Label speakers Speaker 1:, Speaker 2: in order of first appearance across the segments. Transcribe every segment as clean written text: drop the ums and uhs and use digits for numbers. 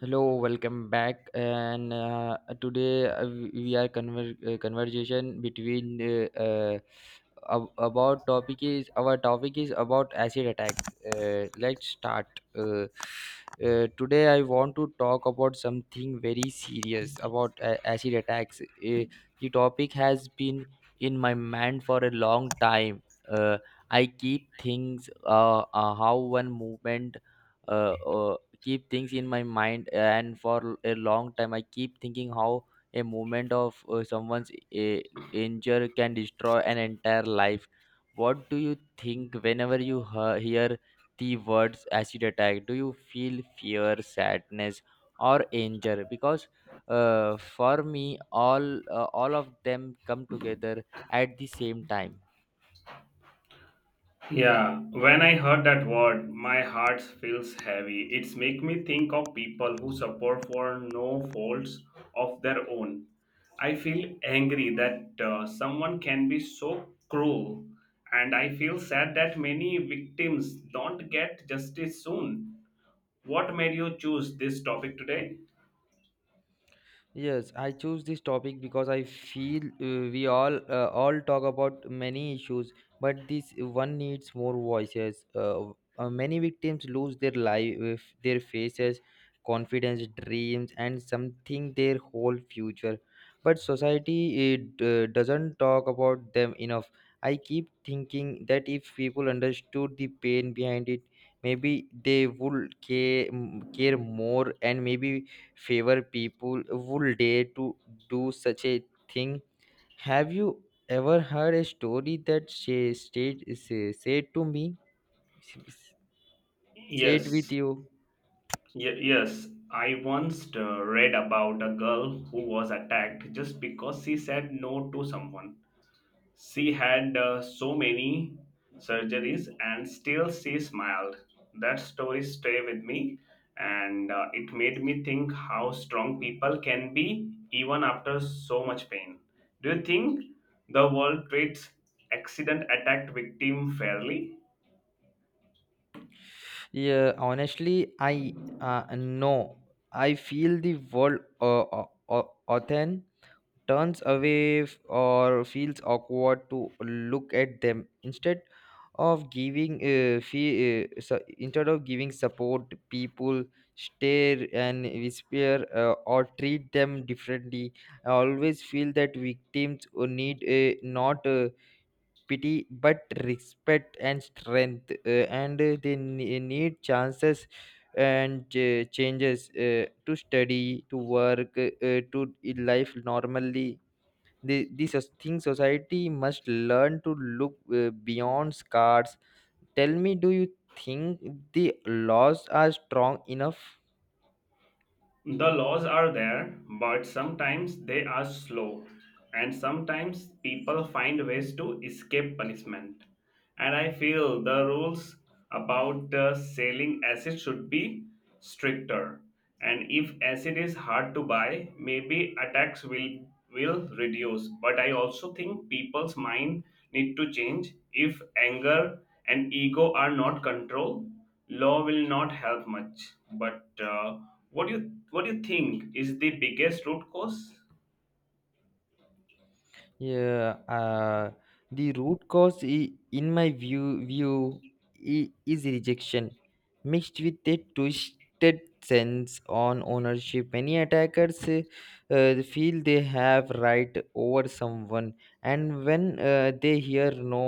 Speaker 1: Hello, welcome back. And today we are conver- Conversation between about topic is. Our topic is about acid attack. Let's start. Uh, today I want to talk about something very serious about acid attacks. The topic has been in my mind for a long time. Uh, I keep things how one movement. Uh, uh, Keep things in my mind and for a long time I keep thinking how a moment of someone's injury can destroy an entire life. What do you think whenever you hear the words acid attack? Do you feel fear, sadness, or anger? Because for me, all of them come together at the same time.
Speaker 2: Yeah, when I heard that word, my heart feels heavy. It's make me think of people who suffer for no faults of their own. I feel angry that someone can be so cruel, and I feel sad that many victims don't get justice soon. What made you choose this topic today?
Speaker 1: Yes, I choose this topic because I feel we all talk about many issues, but this one needs more voices. Many victims lose their life, their faces, confidence, dreams, and something their whole future. But society, it doesn't talk about them enough. I keep thinking that if people understood the pain behind it, maybe they would care more, and maybe favor people would dare to do such a thing. Have you ever heard a story that she said to me, said with
Speaker 2: Yes,
Speaker 1: you?
Speaker 2: yes. I once read about a girl who was attacked just because she said no to someone. She had so many surgeries and still she smiled. That story stay with me and it made me think how strong people can be even after so much pain. Do you think the world treats accident attacked victim fairly?
Speaker 1: Yeah, honestly, I no. I feel the world often turns away or feels awkward to look at them. Instead of giving instead of giving support, people stare and whisper or treat them differently. I always feel that victims need not pity but respect and strength, and they need chances and changes to study, to work, to live normally. The thing, society must learn to look beyond scars. Tell me, do you think the laws are strong enough?
Speaker 2: The laws are there, but sometimes they are slow, and sometimes people find ways to escape punishment. And I feel the rules about selling acid should be stricter. And if acid is hard to buy, maybe attacks will reduce. But I also think people's mind need to change. If anger and ego are not controlled, law will not help much, but what do you think is the biggest root cause?
Speaker 1: Yeah, the root cause, in my view, is rejection, mixed with a twisted sense on ownership. Many attackers feel they have right over someone, and when they hear no,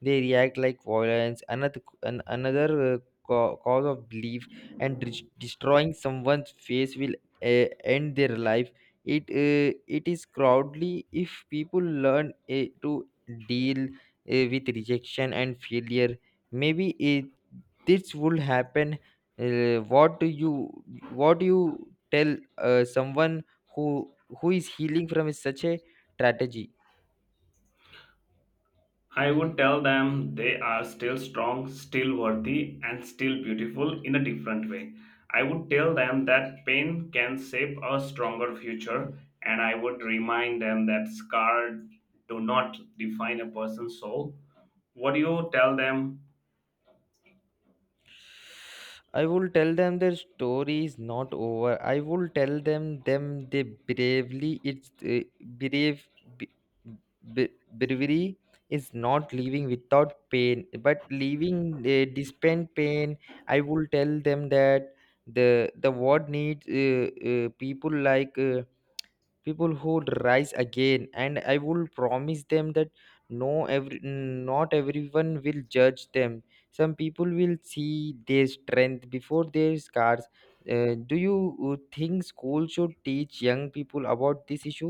Speaker 1: they react like violence. Another cause of belief and destroying someone's face will end their life. It is crowdly. If people learn to deal with rejection and failure, maybe this would happen. What do you what do you tell someone who who is healing from such a strategy?
Speaker 2: I would tell them they are still strong, still worthy, and still beautiful in a different way. I would tell them that pain can shape a stronger future, and I would remind them that scars do not define a person's soul. What do you tell them?
Speaker 1: I will tell them their story is not over. I will tell them them they bravely it's brave b- b- bravery is not living without pain, but living despite pain. I will tell them that the world needs people like. People who would rise again. And I will promise them that no every not everyone will judge them. Some people will see their strength before their scars. Do you think school should teach young people about this issue?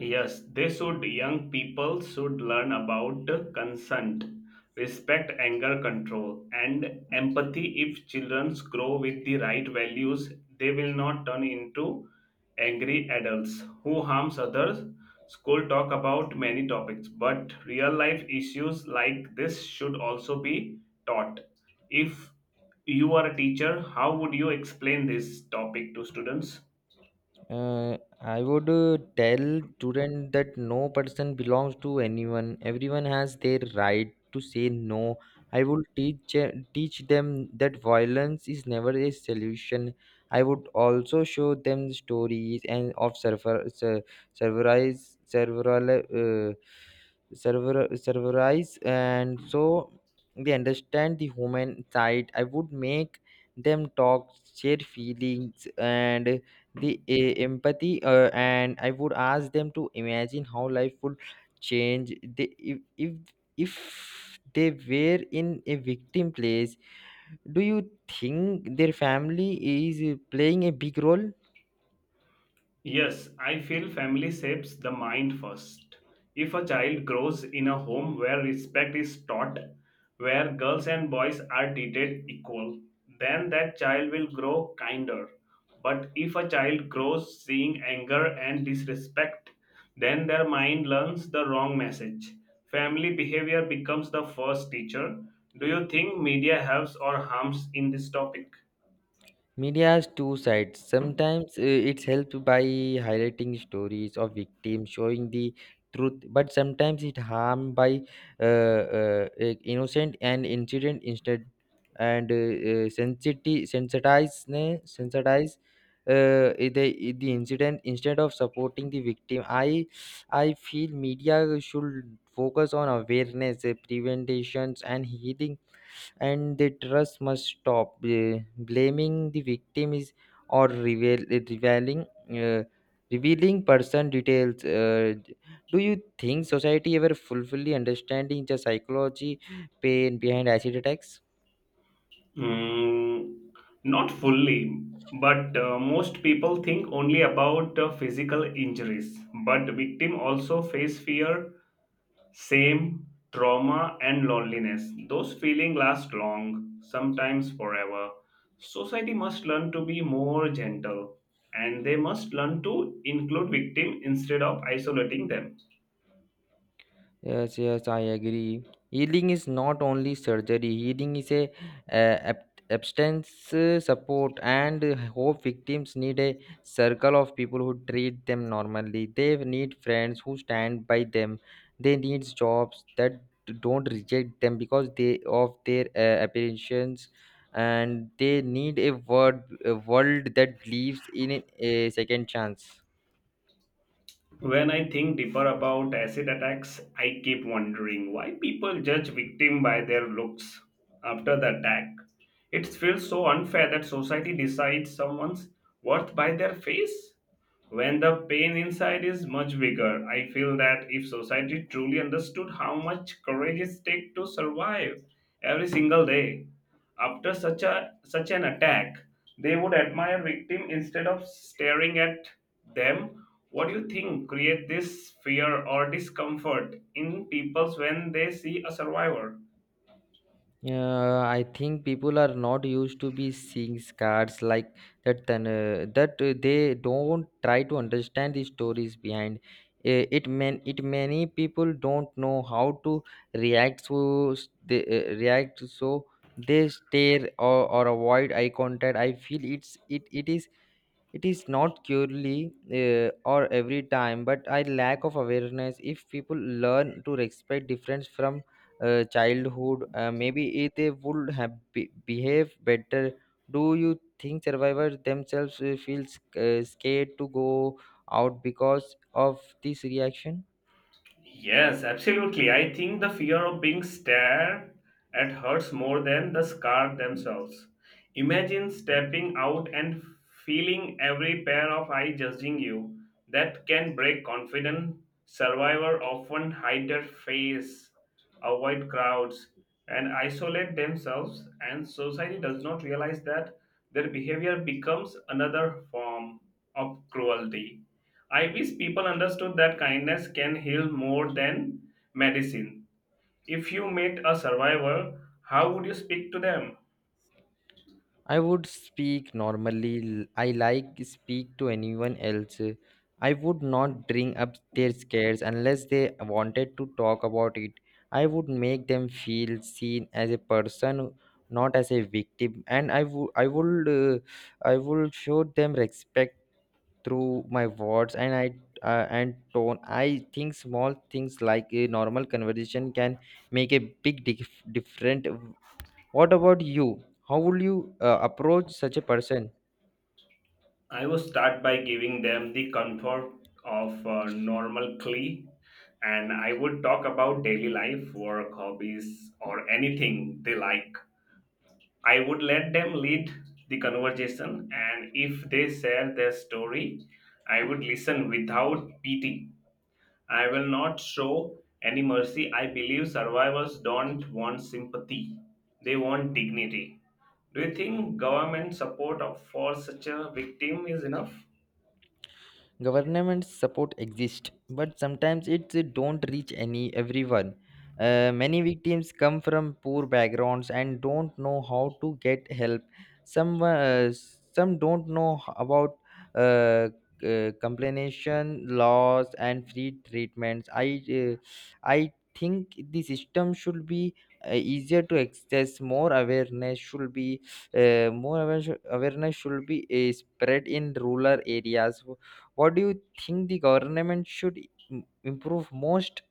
Speaker 2: Yes, they should. Young people should learn about consent, respect, anger control, and empathy. If children grow with the right values, they will not turn into angry adults who harms others. School talk about many topics, but real life issues like this should also be taught. If you are a teacher, how would you explain this topic to students?
Speaker 1: Uh, I would tell student that no person belongs to anyone. Everyone has their right to say no. I would teach them that violence is never a solution. I would also show them stories and of server ser, serverize serveral server serverize and so they understand the human side. I would make them talk, share feelings, and empathy, and I would ask them to imagine how life would change they, if they were in a victim place. Do you think their family is playing a big role?
Speaker 2: Yes, I feel family shapes the mind first. If a child grows in a home where respect is taught, where girls and boys are treated equal, then that child will grow kinder. But if a child grows seeing anger and disrespect, then their mind learns the wrong message. Family behavior becomes the first teacher. Do you think media helps or harms in this topic?
Speaker 1: Media has two sides. Sometimes it's helped by highlighting stories of victims, showing the truth, but sometimes it harmed by uh, uh, uh, innocent and incident instead, and sensitize the incident instead of supporting the victim. I feel media should focus on awareness, preventations, and healing, and the trust must stop. Blaming the victim is or revealing uh, revealing person details. Do you think society ever fully understanding the psychology pain behind acid attacks?
Speaker 2: Mm, not fully, but most people think only about physical injuries. But victims also face fear, shame, trauma, and loneliness. Those feelings last long, sometimes forever. Society must learn to be more gentle, and they must learn to include victims instead of isolating them.
Speaker 1: Yes, yes, I agree. Healing is not only surgery. Healing is abstinence, support, and hope. Victims need a circle of people who treat them normally. They need friends who stand by them. They need jobs that don't reject them because they of their appearance, and they need a word, a world that believes in a second chance.
Speaker 2: When I think deeper about acid attacks, I keep wondering why people judge victim by their looks after the attack. It feels so unfair that society decides someone's worth by their face. When the pain inside is much bigger, I feel that if society truly understood how much courage it takes to survive every single day, after such an attack, they would admire victim instead of staring at them. What do you think create this fear or discomfort in peoples when they see a survivor?
Speaker 1: Yeah, I think people are not used to be seeing scars like that. Then that they don't try to understand the stories behind it. Man, it many people don't know how to react to s- they react so they stare or avoid eye contact. I feel it's it it is not purely or every time, but I lack of awareness. If people learn to respect difference from childhood, maybe it they would have behave better. Do you think survivors themselves scared to go out because of this reaction?
Speaker 2: Yes, absolutely. I think the fear of being stared at hurts more than the scar themselves. Imagine stepping out and feeling every pair of eyes judging you. That can break confidence. Survivors often hide their face, avoid crowds, and isolate themselves, and society does not realize that their behavior becomes another form of cruelty. I wish people understood that kindness can heal more than medicine. If you met a survivor, how would you speak to them?
Speaker 1: I would speak normally. I like speak to anyone else. I would not bring up their scares unless they wanted to talk about it. I would make them feel seen as a person, not as a victim, and I would show them respect through my words and I and tone. I think small things like a normal conversation can make a big different. What about you? How would you approach such a person?
Speaker 2: I would start by giving them the comfort of normal clay, and I would talk about daily life, work, hobbies, or anything they like. I would let them lead the conversation, and if they share their story, I would listen without pity. I will not show any mercy. I believe survivors don't want sympathy, they want dignity. Do you think government support for such a victim is enough?
Speaker 1: Government support exists, but sometimes it don't reach any everyone. Many victims come from poor backgrounds and don't know how to get help. Some uh, some don't know about uh, compensation laws and free treatments. I uh, i think the system should be easier to access. More awareness should be spread in rural areas. What do you think the government should improve most?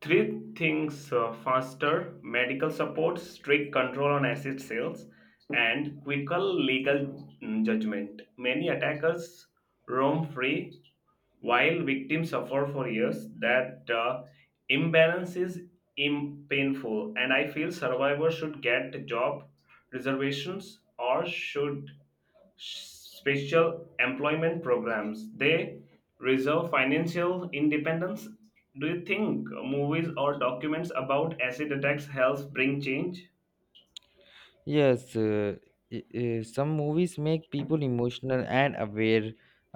Speaker 2: Three things faster medical support, strict control on acid sales, and quicker legal judgment. Many attackers roam free while victims suffer for years. That imbalance is painful, and I feel survivors should get job reservations or should special employment programs. They reserve financial independence. Do you think movies or documents about acid attacks helps bring change?
Speaker 1: Yes, some movies make people emotional and aware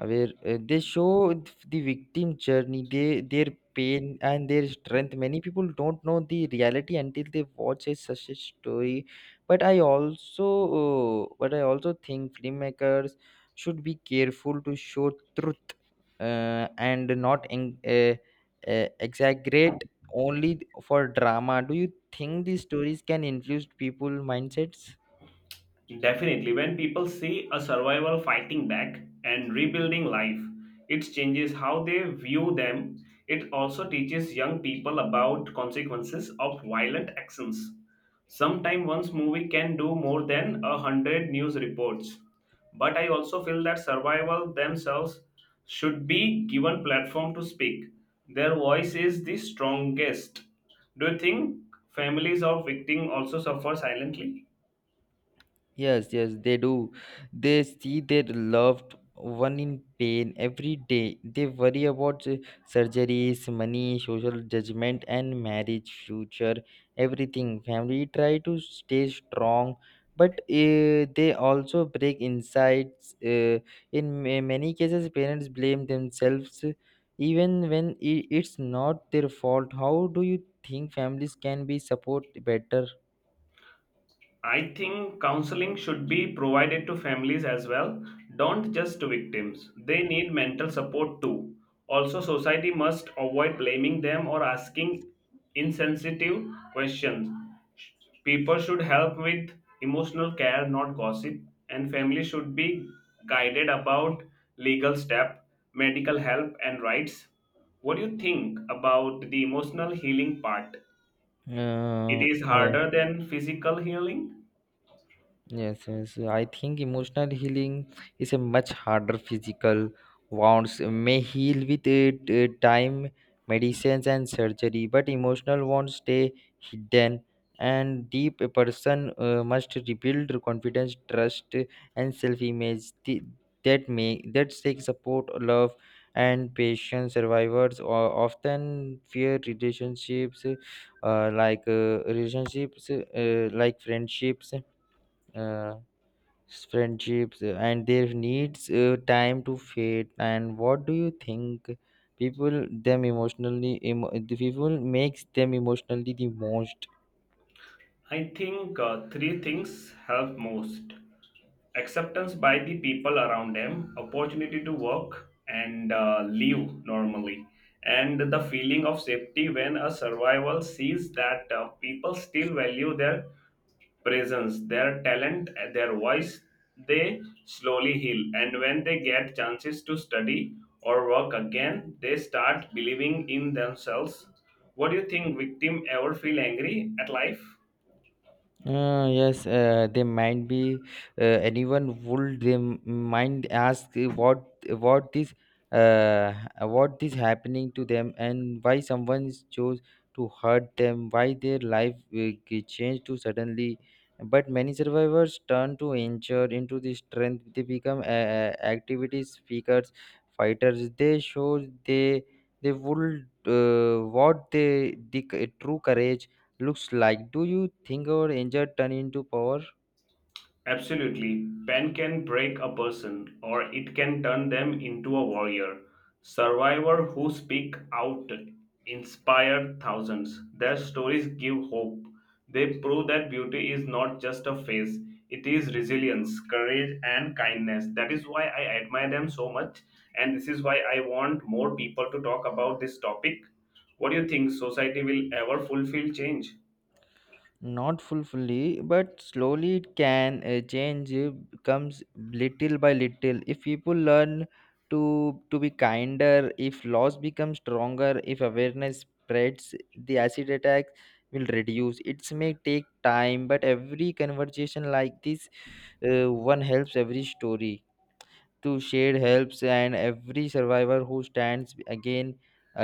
Speaker 1: aware uh, They show the victim journey, they their pain and their strength. Many people don't know the reality until they watch a, such a story. But i also uh, but I also think filmmakers should be careful to show truth, and not exaggerate only for drama. Do you think these stories can influence people mindsets?
Speaker 2: Definitely, when people see a survivor fighting back and rebuilding life, it changes how they view them. It also teaches young people about consequences of violent actions. Sometimes one's movie can do more than a hundred news reports. But I also feel that survivors themselves should be given platform to speak. Their voice is the strongest. Do you think families of victims also suffer silently?
Speaker 1: Yes, yes, they do. They see their loved one in pain every day. They worry about surgeries, money, social judgment, and marriage future, everything. Family try to stay strong, but they also break insides. In many cases, parents blame themselves, even when it's not their fault. How do you think families can be support better?
Speaker 2: I think counseling should be provided to families as well, don't just to victims. They need mental support too. Also, society must avoid blaming them or asking insensitive questions. People should help with emotional care, not gossip, and families should be guided about legal step, medical help, and rights. What do you think about the emotional healing part? It
Speaker 1: Uh,
Speaker 2: is
Speaker 1: uh,
Speaker 2: harder than physical healing.
Speaker 1: Yes, yes. I think emotional healing is a much harder. Physical wounds may heal with time, medicines, and surgery, but emotional wounds stay hidden and deep. A person must rebuild confidence, trust, and self-image. That may that take support, love, and patience. Survivors often fear relationships, friendships. Uh, and their needs time to fade. And what do you think people them emotionally emo- the people makes them emotionally the most?
Speaker 2: I think three things help most: acceptance by the people around them, opportunity to work and live normally, and the feeling of safety. When a survival sees that people still value their presence, their talent, and their voice, they slowly heal, and when they get chances to study or work again, they start believing in themselves. What do you think? Victim ever feel angry at life?
Speaker 1: Yes, they might be. Anyone would they mind ask what this uh what is happening to them and why someone is chose to hurt them? Why their life changed to suddenly? But many survivors turn to nature into the strength. They become activity speakers, fighters. They show they would what they the c- true courage looks like. Do you think our anger turn into power?
Speaker 2: Absolutely. Pen can break a person or it can turn them into a warrior. Survivor who speak out inspire thousands. Their stories give hope. They prove that beauty is not just a phase. It is resilience, courage and kindness. That is why I admire them so much and this is why I want more people to talk about this topic. What do you think society will ever fulfill change?
Speaker 1: Not fully, but slowly it can change. Comes little by little. If people learn to to be kinder, if laws become stronger, if awareness spreads, the acid attack will reduce. It may take time, but every conversation like this, one helps. Every story to shade helps, and every survivor who stands again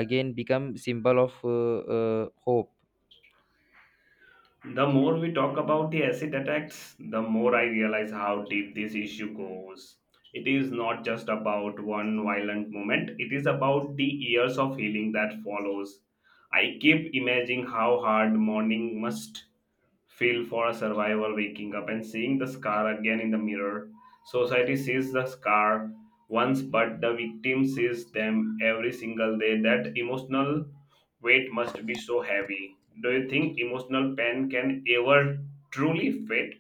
Speaker 1: again become symbol of hope.
Speaker 2: The more we talk about the acid attacks, the more I realize how deep this issue goes. It is not just about one violent moment, it is about the years of healing that follows. I keep imagining how hard mourning must feel for a survivor waking up and seeing the scar again in the mirror. Society sees the scar once, but the victim sees them every single day. That emotional weight must be so heavy. Do you think emotional pain can ever truly fade?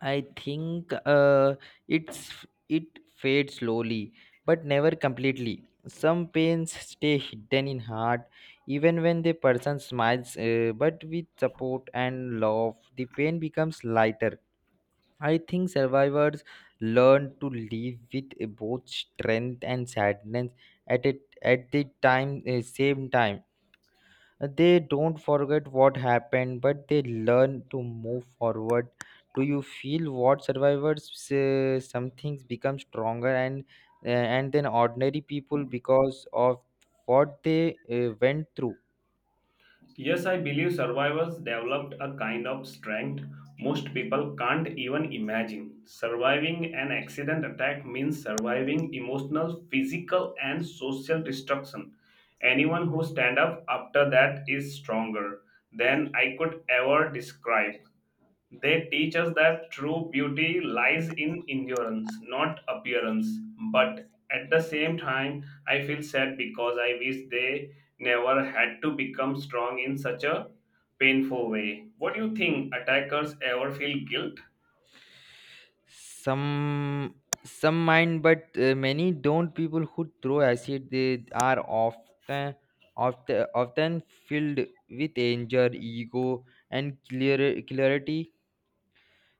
Speaker 1: I think uh, it's it fades slowly but never completely. Some pains stay hidden in heart even when the person smiles, but with support and love the pain becomes lighter. I think survivors learn to live with both strength and sadness at it at the time same time. They don't forget what happened, but they learn to move forward. Do you feel what survivors some things become stronger and then ordinary people because of what they went through?
Speaker 2: Yes, I believe survivors developed a kind of strength most people can't even imagine. Surviving an accident attack means surviving emotional, physical, and social destruction. Anyone who stands up after that is stronger than I could ever describe. They teach us that true beauty lies in endurance, not appearance. But at the same time, I feel sad because I wish they never had to become strong in such a painful way. What do you think? Attackers ever feel guilt?
Speaker 1: Some some mind but many don't. People who throw acid, they are often filled with anger, ego and clear clarity.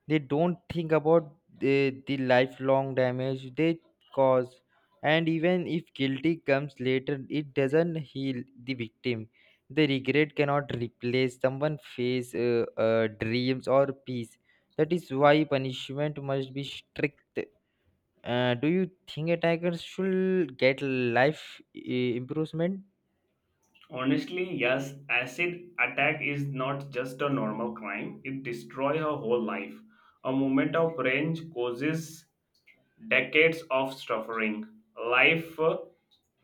Speaker 1: They don't think about the lifelong damage they cause, and even if guilty comes later, it doesn't heal the victim. The regret cannot replace someone's face, dreams or peace. That is why punishment must be strict. Do you think attackers should get life improvement?
Speaker 2: Honestly, yes, acid attack is not just a normal crime. It destroys her whole life. A moment of rage causes decades of suffering. Life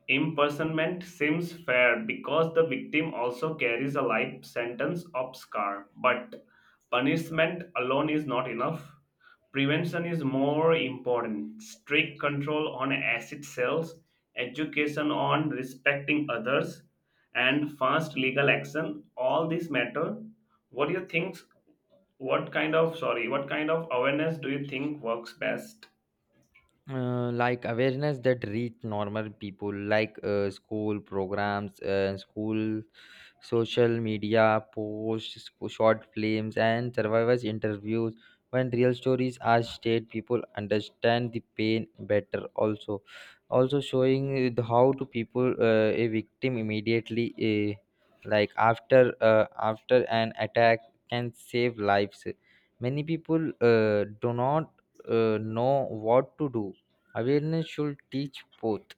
Speaker 2: Imprisonment seems fair because the victim also carries a life sentence of scar, but punishment alone is not enough. Prevention is more important. Strict control on acid sales, education on respecting others, and fast legal action. All these matter. What do you think? What kind of sorry? What kind of awareness do you think works best?
Speaker 1: Like awareness that reach normal people, like school programs, school, social media posts, short films and survivors interviews. When real stories are shared, people understand the pain better. Also showing the how to people a victim immediately, like after after an attack, can save lives. Many people do not know what to do. Awareness should teach both,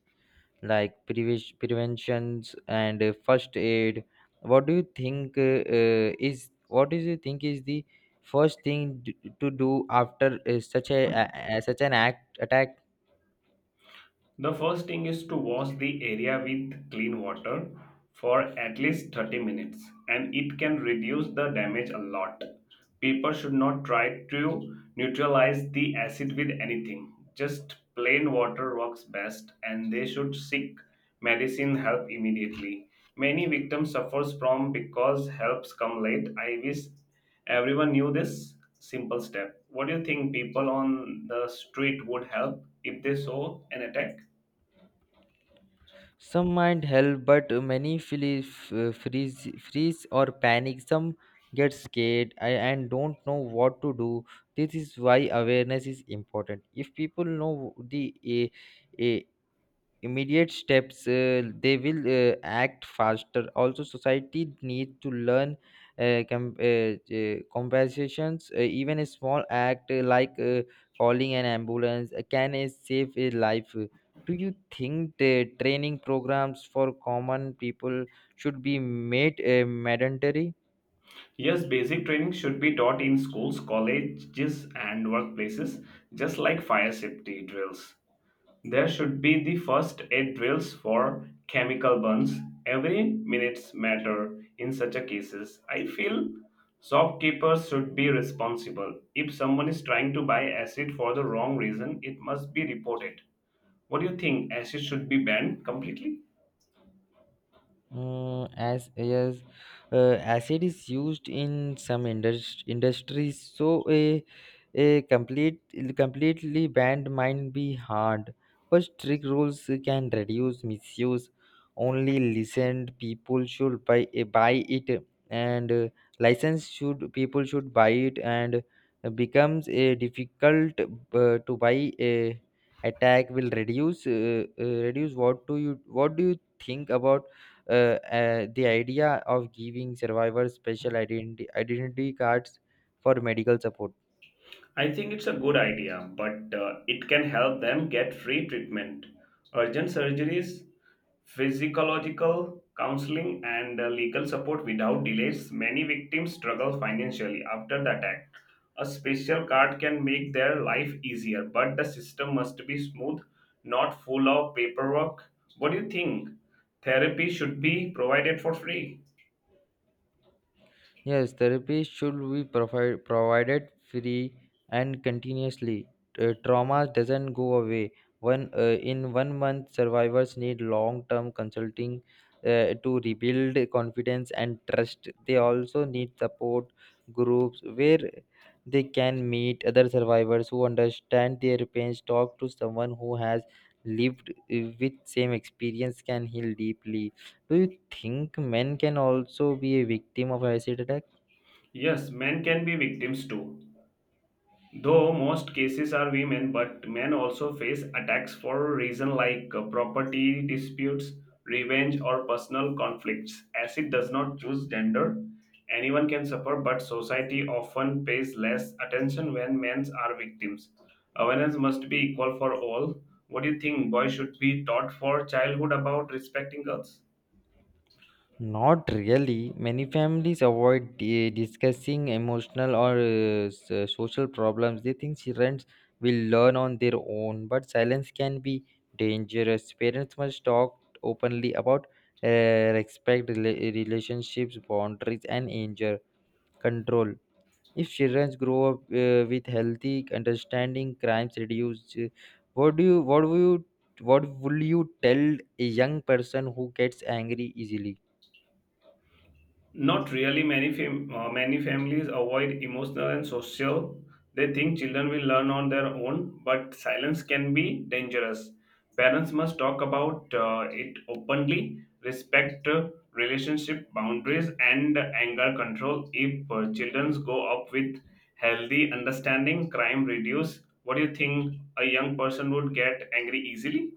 Speaker 1: like preventions and first aid. What do you think is what do you think is the first thing to do after such such an act attack?
Speaker 2: The first thing is to wash the area with clean water for at least 30 minutes and it can reduce the damage a lot. People should not try to neutralize the acid with anything. Just plain water works best and they should seek medicine help immediately. Many victims suffers from because helps come late. I wish everyone knew this simple step. What do you think people on the street would help if they saw an attack?
Speaker 1: Some might help, but many feel freeze or panic. Some get scared and don't know what to do. This is why awareness is important. If people know the uh, immediate steps, they will act faster. Also society needs to learn, uh, com- uh, compensations. Even a small act, like calling an ambulance, can save a life. Do you think the training programs for common people should be made mandatory?
Speaker 2: Yes, basic training should be taught in schools, colleges, and workplaces, just like fire safety drills. There should be the first aid drills for chemical burns. Every minutes matter in such a cases. I feel shopkeepers should be responsible. If someone is trying to buy acid for the wrong reason, it must be reported. What do you think? Acid should be banned completely?
Speaker 1: As Acid is used in some industries, so a a complete completely banned might be hard. But strict rules can reduce misuse. Only licensed people should buy it, and licensed should people should buy it, and becomes a difficult to buy. A attack will reduce. What do you think about uh, the idea of giving survivors special identity cards for medical support?
Speaker 2: I think it's a good idea, but it can help them get free treatment, urgent surgeries, physiological counseling, and legal support without delays. Many victims struggle financially after the attack. A special card can make their life easier, but the system must be smooth, not full of paperwork. What do you think? Therapy should be provided for free.
Speaker 1: Yes, therapy should be provided free and continuously. Trauma doesn't go away. One in 1 month, survivors need long-term consulting to rebuild confidence and trust. They also need support groups where they can meet other survivors who understand their pains. Talk to someone who has lived with same experience can heal deeply. Do you think men can also be a victim of acid attack?
Speaker 2: Yes, men can be victims too. Though most cases are women, but men also face attacks for reasons like property disputes, revenge, or personal conflicts. As it does not choose gender, anyone can suffer, but society often pays less attention when men are victims. Awareness must be equal for all. What do you think? Boys should be taught for childhood about respecting girls?
Speaker 1: Not really. Many families avoid discussing emotional or social problems. They think children will learn on their own, but silence can be dangerous. Parents must talk openly about uh, respect, relationships, boundaries, and anger control. If children grow up with healthy understanding, crimes reduce. What do you? What would you? What would you tell a young person who gets angry easily?
Speaker 2: Not really. Many families avoid emotional and social. They think children will learn on their own, but silence can be dangerous. Parents must talk about it openly, respect relationship boundaries, and anger control. If children go up with healthy understanding, crime reduce. What do you think? A young person would get angry easily?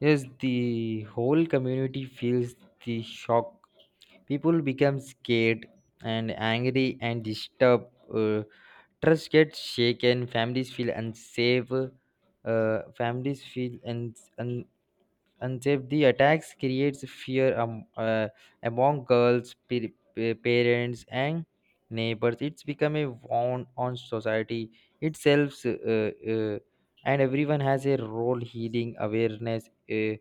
Speaker 1: Yes, the whole community feels the shock. People become scared and angry and disturbed. Trust gets shaken. Families feel unsafe. Families feel un- un- unsafe. The attacks creates fear among girls, parents, and neighbors. It's become a wound on society itself, and everyone has a role healing awareness. Uh,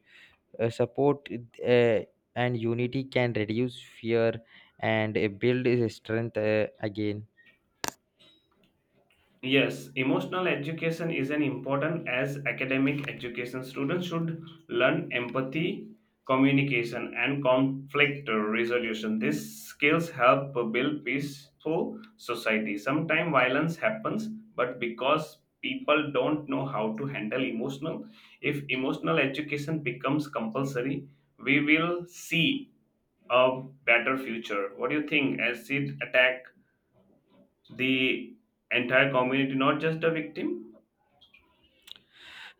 Speaker 1: uh, Support uh, and unity can reduce fear and build strength again.
Speaker 2: Yes, emotional education is an important as academic education. Students should learn empathy, communication, and conflict resolution. These skills help build peaceful society. Sometimes violence happens, but because people don't know how to handle emotional, if emotional education becomes compulsory, we will see a better future. What do you think? Acid attack the entire community, not just the victim.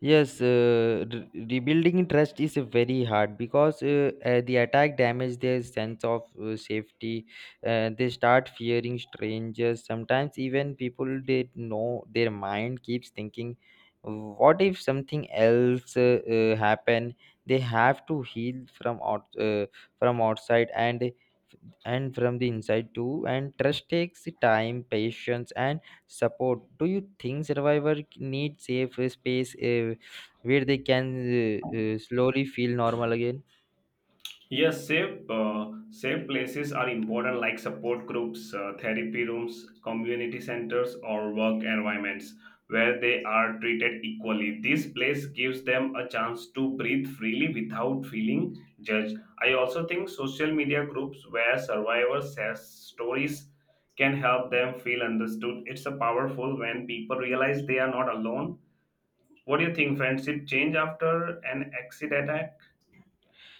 Speaker 1: Yes, rebuilding trust is very hard, because the attack damage their sense of safety. They start fearing strangers, sometimes even people they know. Their mind keeps thinking what if something else happen. They have to heal from out from outside and from the inside too, and trust takes time, patience and support. Do you think survivor need safe space where they can slowly feel normal again?
Speaker 2: Yes, safe places are important, like support groups, therapy rooms, community centers, or work environments where they are treated equally. This place gives them a chance to breathe freely without feeling judged. I also think social media groups where survivors share stories can help them feel understood. It's a powerful when people realize they are not alone. What do you think friendship change after an acid attack?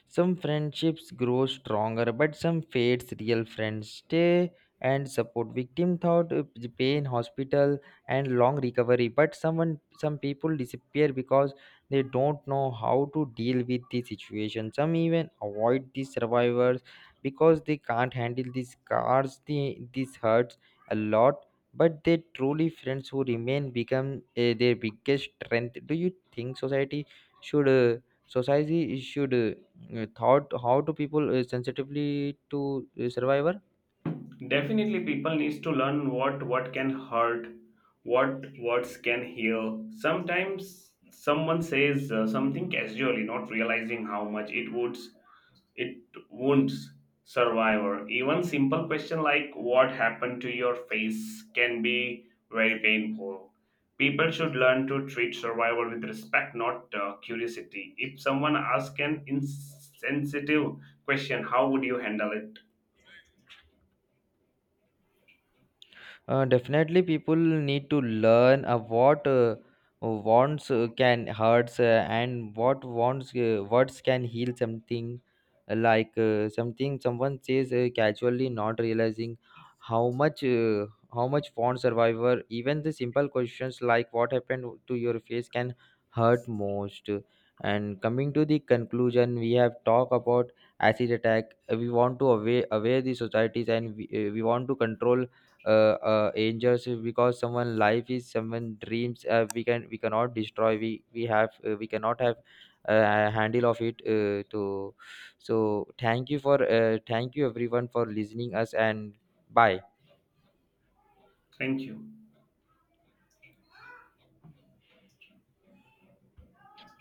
Speaker 1: Some friendships grow stronger, but some fades. Real friends stay and support victim thought the pain, hospital and long recovery. But some people disappear because they don't know how to deal with the situation. Some even avoid the survivors because they can't handle these scars. This hurts a lot, but they truly friends who remain become their biggest strength. Do you think should uh, society should thought how do people sensitively to survival?
Speaker 2: Definitely people needs to learn what can hurt, what words can heal. Sometimes someone says something casually, not realizing how much it wounds survivor. Even simple question like what happened to your face can be very painful. People should learn to treat survivor with respect, not curiosity. If someone asks an insensitive question, how would you handle it?
Speaker 1: Definitely, people need to learn what wants can hurts, and what wants words can heal something. Like, something someone says casually, not realizing how much uh, how much wants survivor. Even the simple questions like "What happened to your face?" can hurt most. And coming to the conclusion, we have talked about acid attack. We want to aware the societies and we want to control angels, because someone life is someone dreams, we can we cannot destroy. We cannot have handle of it to So thank you for thank you everyone for listening us, and bye.
Speaker 2: Thank you.